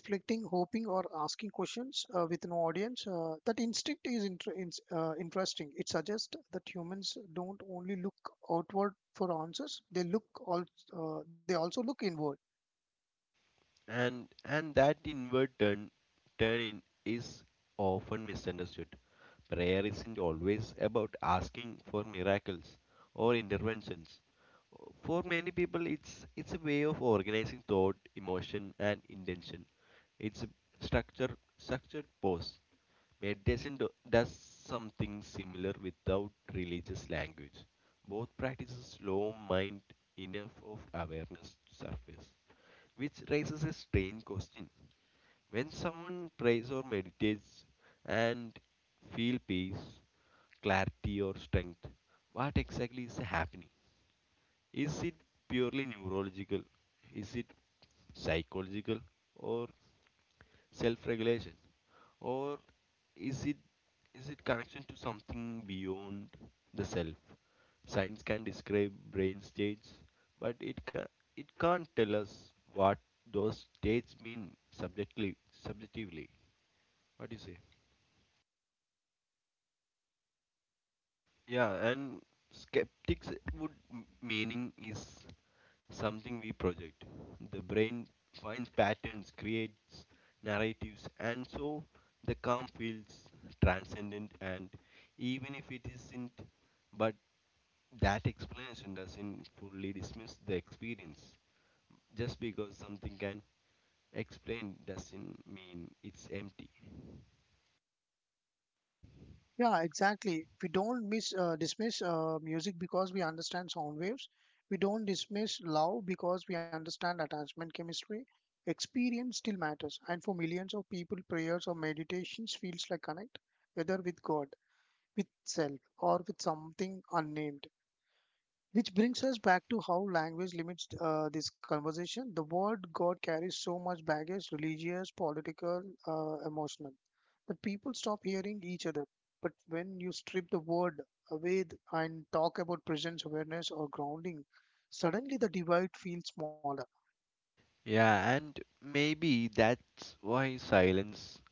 [SPEAKER 2] reflecting, hoping, or asking questions with no audience. That instinct is interesting. It suggests that humans don't only look outward for answers; they they also look inward.
[SPEAKER 1] and and that inward turn turn in is often misunderstood. Prayer isn't always about asking for miracles or interventions. For many people it's a way of organizing thought, emotion, and intention. It's structured pose. Meditation does something similar without religious language. Both practices slow mind enough of awareness to surface, which raises a strange question. When someone prays or meditates and feel peace, clarity or strength, what exactly is happening? Is it purely neurological? Is it psychological or self-regulation? Or is it is it connection to something beyond the self? Science can describe brain states, but it can't tell us what those states mean subjectively. Subjectively, what do you say? Yeah, and skeptics would, meaning is something we project. The brain finds patterns, creates narratives, and so the calm feels transcendent. And even if it isn't, but that explanation doesn't fully dismiss the experience. Just because something can explain doesn't mean it's empty.
[SPEAKER 2] Yeah, exactly. We don't miss dismiss music because we understand sound waves. We don't dismiss love because we understand attachment chemistry. Experience still matters, and for millions of people, prayers or meditations feels like connect, whether with God, with self, or with something unnamed. Which brings us back to how language limits this conversation. The word God carries so much baggage, religious, political, emotional, that people stop hearing each other. But when you strip the word away and talk about presence, awareness, or grounding, suddenly the divide feels smaller.
[SPEAKER 1] Yeah, and maybe that's why silence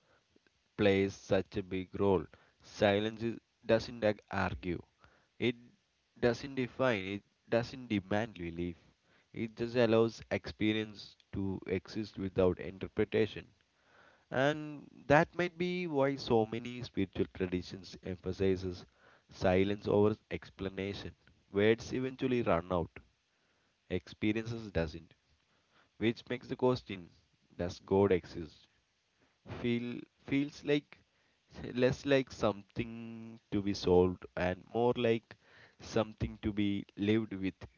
[SPEAKER 1] plays such a big role. Silence doesn't argue, it doesn't define, it doesn't demand relief. It just allows experience to exist without interpretation. And that might be why so many spiritual traditions emphasizes silence over explanation. Words eventually run out, experiences doesn't, which makes the question, does God exist? feel feels like less like something to be solved and more like something to be lived with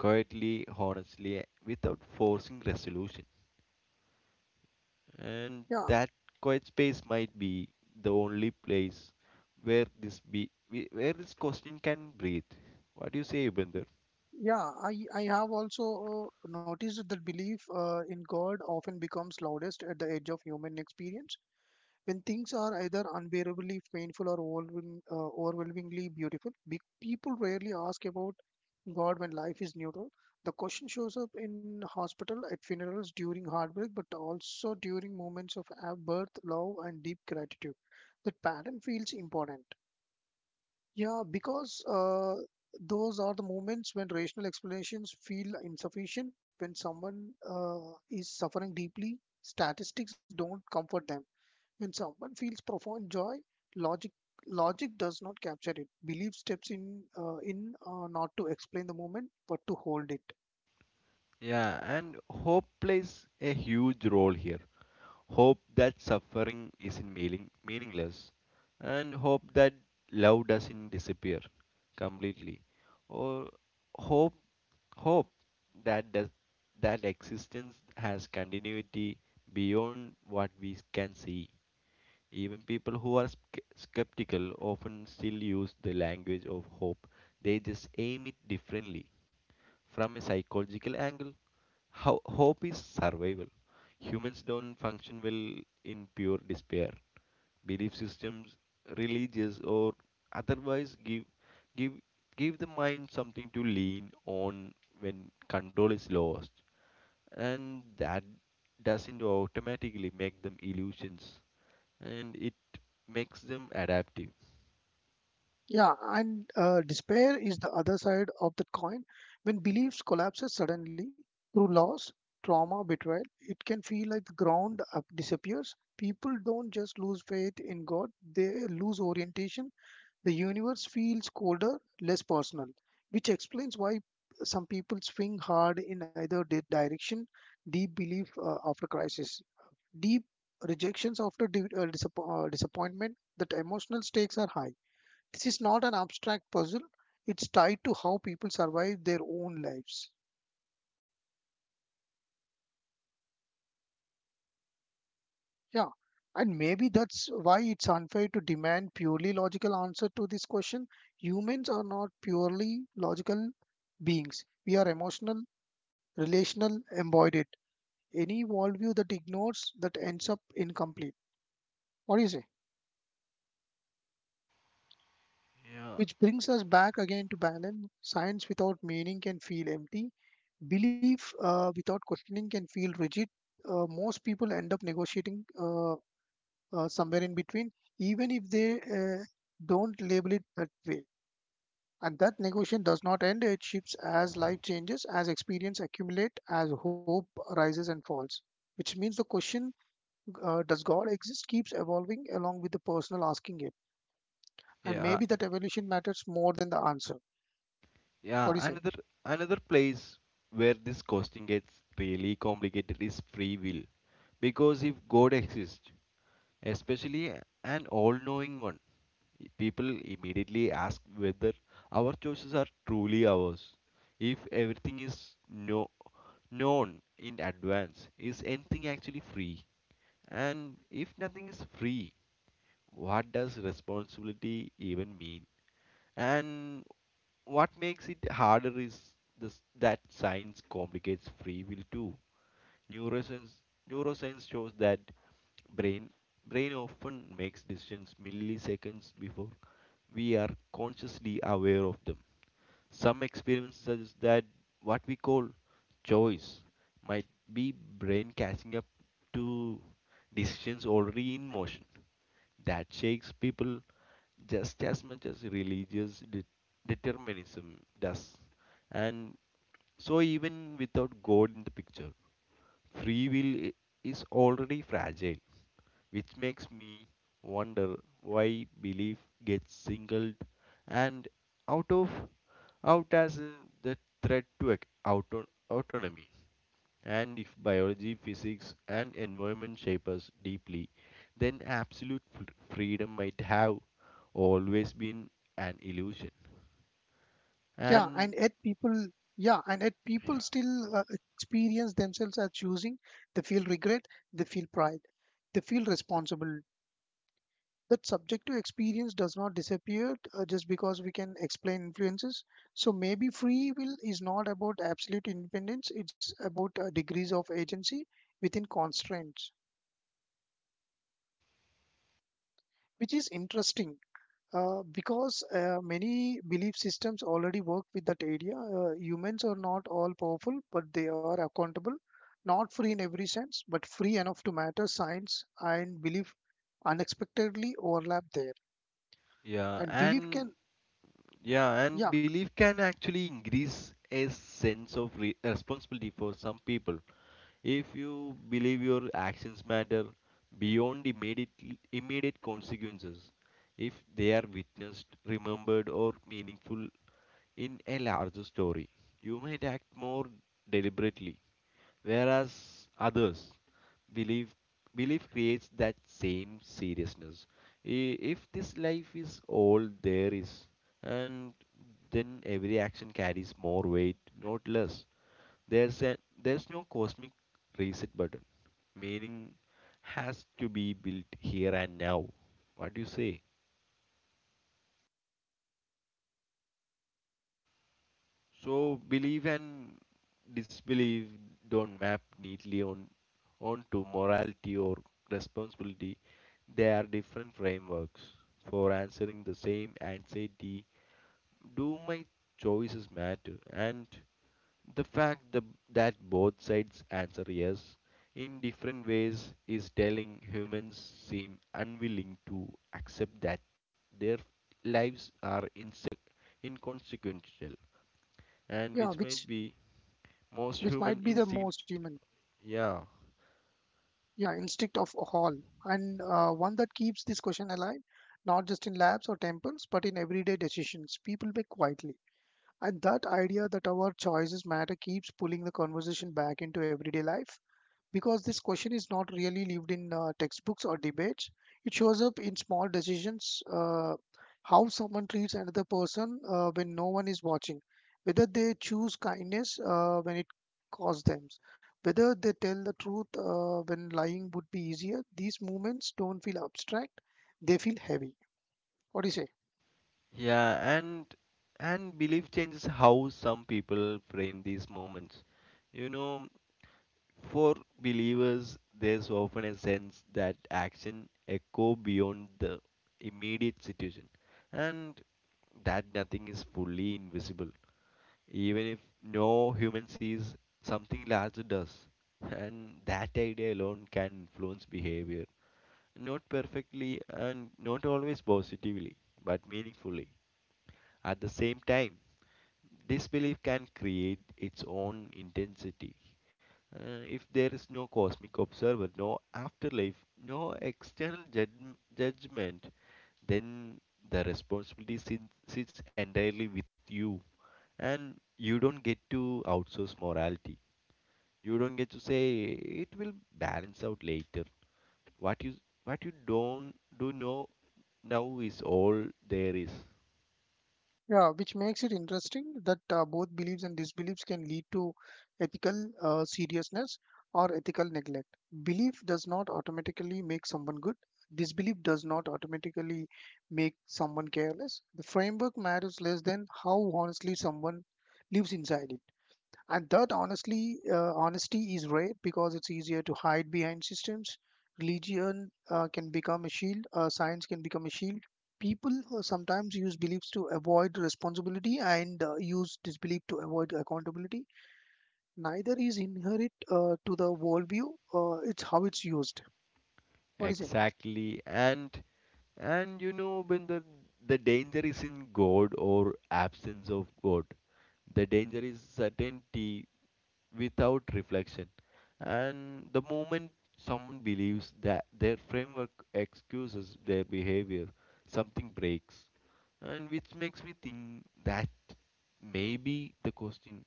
[SPEAKER 1] quietly, honestly, without forcing resolution. And
[SPEAKER 2] Yeah,
[SPEAKER 1] that quiet space might be the only place where this question can breathe. What do you say, Ubinder?
[SPEAKER 2] yeah, I have also noticed that belief in God often becomes loudest at the edge of human experience. When things are either unbearably painful or overwhelmingly beautiful, people rarely ask about God when life is neutral. The question shows up in hospital, at funerals, during heartbreak, but also during moments of birth, love, and deep gratitude. That pattern feels important. Yeah, because those are the moments when rational explanations feel insufficient. When someone is suffering deeply, statistics don't comfort them. When someone feels profound joy, logic logic does not capture it. Belief steps in not to explain the moment, but to hold it.
[SPEAKER 1] Yeah, and hope plays a huge role here. Hope that suffering isn't meaningless, and hope that love doesn't disappear completely, or hope hope that does, that existence has continuity beyond what we can see. Even people who are skeptical often still use the language of hope. They just aim it differently. From a psychological angle, how hope is survival. Humans don't function well in pure despair. Belief systems, religious or otherwise, give give the mind something to lean on when control is lost. And that doesn't automatically make them illusions, and it makes them adaptive.
[SPEAKER 2] Yeah, and despair is the other side of the coin. When beliefs collapses suddenly through loss, trauma, betrayal, it can feel like the ground up disappears. People don't just lose faith in God; they lose orientation. The universe feels colder, less personal, which explains why some people swing hard in either direction, deep belief after crisis, deep rejections after disappointment, that emotional stakes are high. This is not an abstract puzzle, it's tied to how people survive their own lives. Yeah, and maybe that's why it's unfair to demand purely logical answer to this question. Humans are not purely logical beings. We are emotional relational embodied it, any worldview that ignores that ends up incomplete. What do you say?
[SPEAKER 1] Yeah,
[SPEAKER 2] Which brings us back again to balance. Science without meaning can feel empty. Belief without questioning can feel rigid. Most people end up negotiating somewhere in between, even if they don't label it that way. And that negotiation does not end, it shifts as life changes, as experience accumulate, as hope rises and falls. Which means the question does God exist keeps evolving along with the personal asking it. And
[SPEAKER 1] yeah,
[SPEAKER 2] maybe that evolution matters more than the answer.
[SPEAKER 1] yeah.
[SPEAKER 2] What do you say?
[SPEAKER 1] Another another place where this costing gets really complicated is free will. Because if God exists, especially an all knowing one, people immediately ask whether our choices are truly ours. If everything is no, known in advance, is anything actually free? And if nothing is free, what does responsibility even mean? And what makes it harder is this, that science complicates free will too. Neuroscience, neuroscience shows that brain brain often makes decisions milliseconds before we are consciously aware of them. Some experiments suggest that what we call choice might be brain catching up to decisions already in motion. That shakes people just as much as religious determinism does. And so even without God in the picture, free will is already fragile, which makes me wonder why belief gets singled and out of out as the threat to autonomy. And if biology, physics, and environment shape us deeply, then absolute freedom might have always been an illusion.
[SPEAKER 2] Yeah,
[SPEAKER 1] And
[SPEAKER 2] and yet people, yeah, and yet people still experience themselves as choosing. They feel regret, they feel pride, they feel responsible. That subjective experience does not disappear just because we can explain influences. So maybe free will is not about absolute independence, it's about degrees of agency within constraints, which is interesting. Because Many belief systems already work with that area, humans are not all powerful, but they are accountable, not free in every sense, but free enough to matter. Science and belief unexpectedly overlap there,
[SPEAKER 1] yeah,
[SPEAKER 2] and belief can,
[SPEAKER 1] and Yeah, and
[SPEAKER 2] yeah,
[SPEAKER 1] belief can actually increase a sense of responsibility for some people. If you believe your actions matter beyond immediate consequences, if they are witnessed, remembered, or meaningful in a larger story, you might act more deliberately. Whereas others, belief belief creates that same seriousness. If this life is all there is, and then every action carries more weight, not less. there's a, there's no cosmic reset button. Meaning has to be built here and now. What do you say? So belief and disbelief don't map neatly on onto morality or responsibility. They are different frameworks for answering the same anxiety. Do my choices matter? And the fact the, that both sides answer yes in different ways is telling. Humans seem unwilling to accept that their lives are inconsequential, and
[SPEAKER 2] yeah,
[SPEAKER 1] which might
[SPEAKER 2] which
[SPEAKER 1] be most
[SPEAKER 2] which
[SPEAKER 1] human
[SPEAKER 2] might be the
[SPEAKER 1] instinct.
[SPEAKER 2] most human,
[SPEAKER 1] Yeah,
[SPEAKER 2] yeah, instinct of all, and one that keeps this question alive, not just in labs or temples, but in everyday decisions people make quietly. And that idea that our choices matter keeps pulling the conversation back into everyday life because this question is not really lived in textbooks or debates. It shows up in small decisions, how someone treats another person when no one is watching, whether they choose kindness when it costs them, whether they tell the truth when lying would be easier. These moments don't feel abstract, they feel heavy. What do you say?
[SPEAKER 1] yeah, and belief changes how some people frame these moments. You know, for believers there's often a sense that action echo beyond the immediate situation, and that nothing is fully invisible. Even if no human sees, something larger does. And that idea alone can influence behavior. Not perfectly and not always positively, but meaningfully. At the same time, disbelief can create its own intensity. If there is no cosmic observer, no afterlife, no external judgment, then the responsibility sits entirely with you. And you don't get to outsource morality. You don't get to say it will balance out later. What you what you don't do know now is all there is.
[SPEAKER 2] Yeah, which makes it interesting that both beliefs and disbeliefs can lead to ethical seriousness or ethical neglect. Belief does not automatically make someone good. Disbelief does not automatically make someone careless. The framework matters less than how honestly someone lives inside it. And that honestly, honesty is rare because it's easier to hide behind systems. Religion can become a shield, science can become a shield. People sometimes use beliefs to avoid responsibility and use disbelief to avoid accountability. Neither is inherent to the worldview, it's how it's used. What do you say?
[SPEAKER 1] Exactly. And you know, when the danger is in God or absence of God, the danger is certainty without reflection. And the moment someone believes that their framework excuses their behavior, something breaks. And which makes me think that maybe the question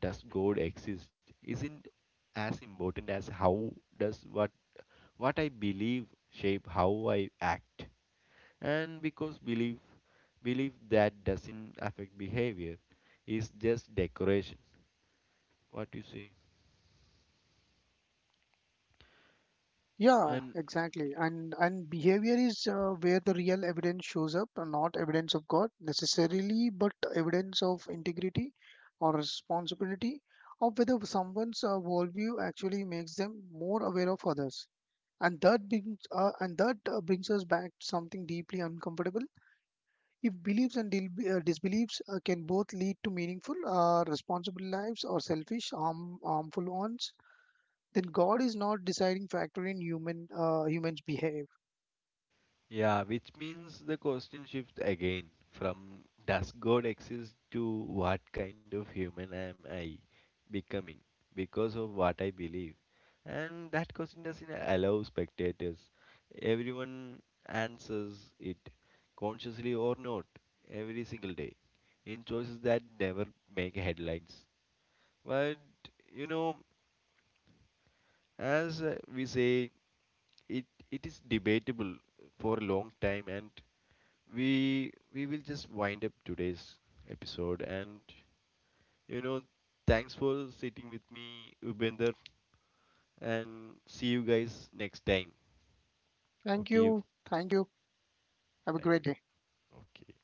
[SPEAKER 1] does God exist isn't as important as how does what I believe shape how I act. And because belief that doesn't affect behavior is just decoration. What you say?
[SPEAKER 2] Yeah,
[SPEAKER 1] And
[SPEAKER 2] exactly. And behavior is where the real evidence shows up, not evidence of God necessarily, but evidence of integrity or responsibility of whether someone's worldview actually makes them more aware of others. And that brings us back to something deeply uncomfortable. If beliefs and disbeliefs can both lead to meaningful, responsible lives or selfish, harmful ones, then God is not deciding factor in human humans behave.
[SPEAKER 1] yeah, which means the question shifts again from does God exist to what kind of human am I becoming because of what I believe? And that question doesn't allow spectators. Everyone answers it, consciously or not, every single day, in choices that never make headlines. But you know, as we say, it it is debatable for a long time, and we will just wind up today's episode, and you know, thanks for sitting with me, Upinder, and see you guys next time.
[SPEAKER 2] Thank
[SPEAKER 1] Okay.
[SPEAKER 2] you. Thank you. Have a
[SPEAKER 1] Thank
[SPEAKER 2] great
[SPEAKER 1] you.
[SPEAKER 2] day.
[SPEAKER 1] Okay.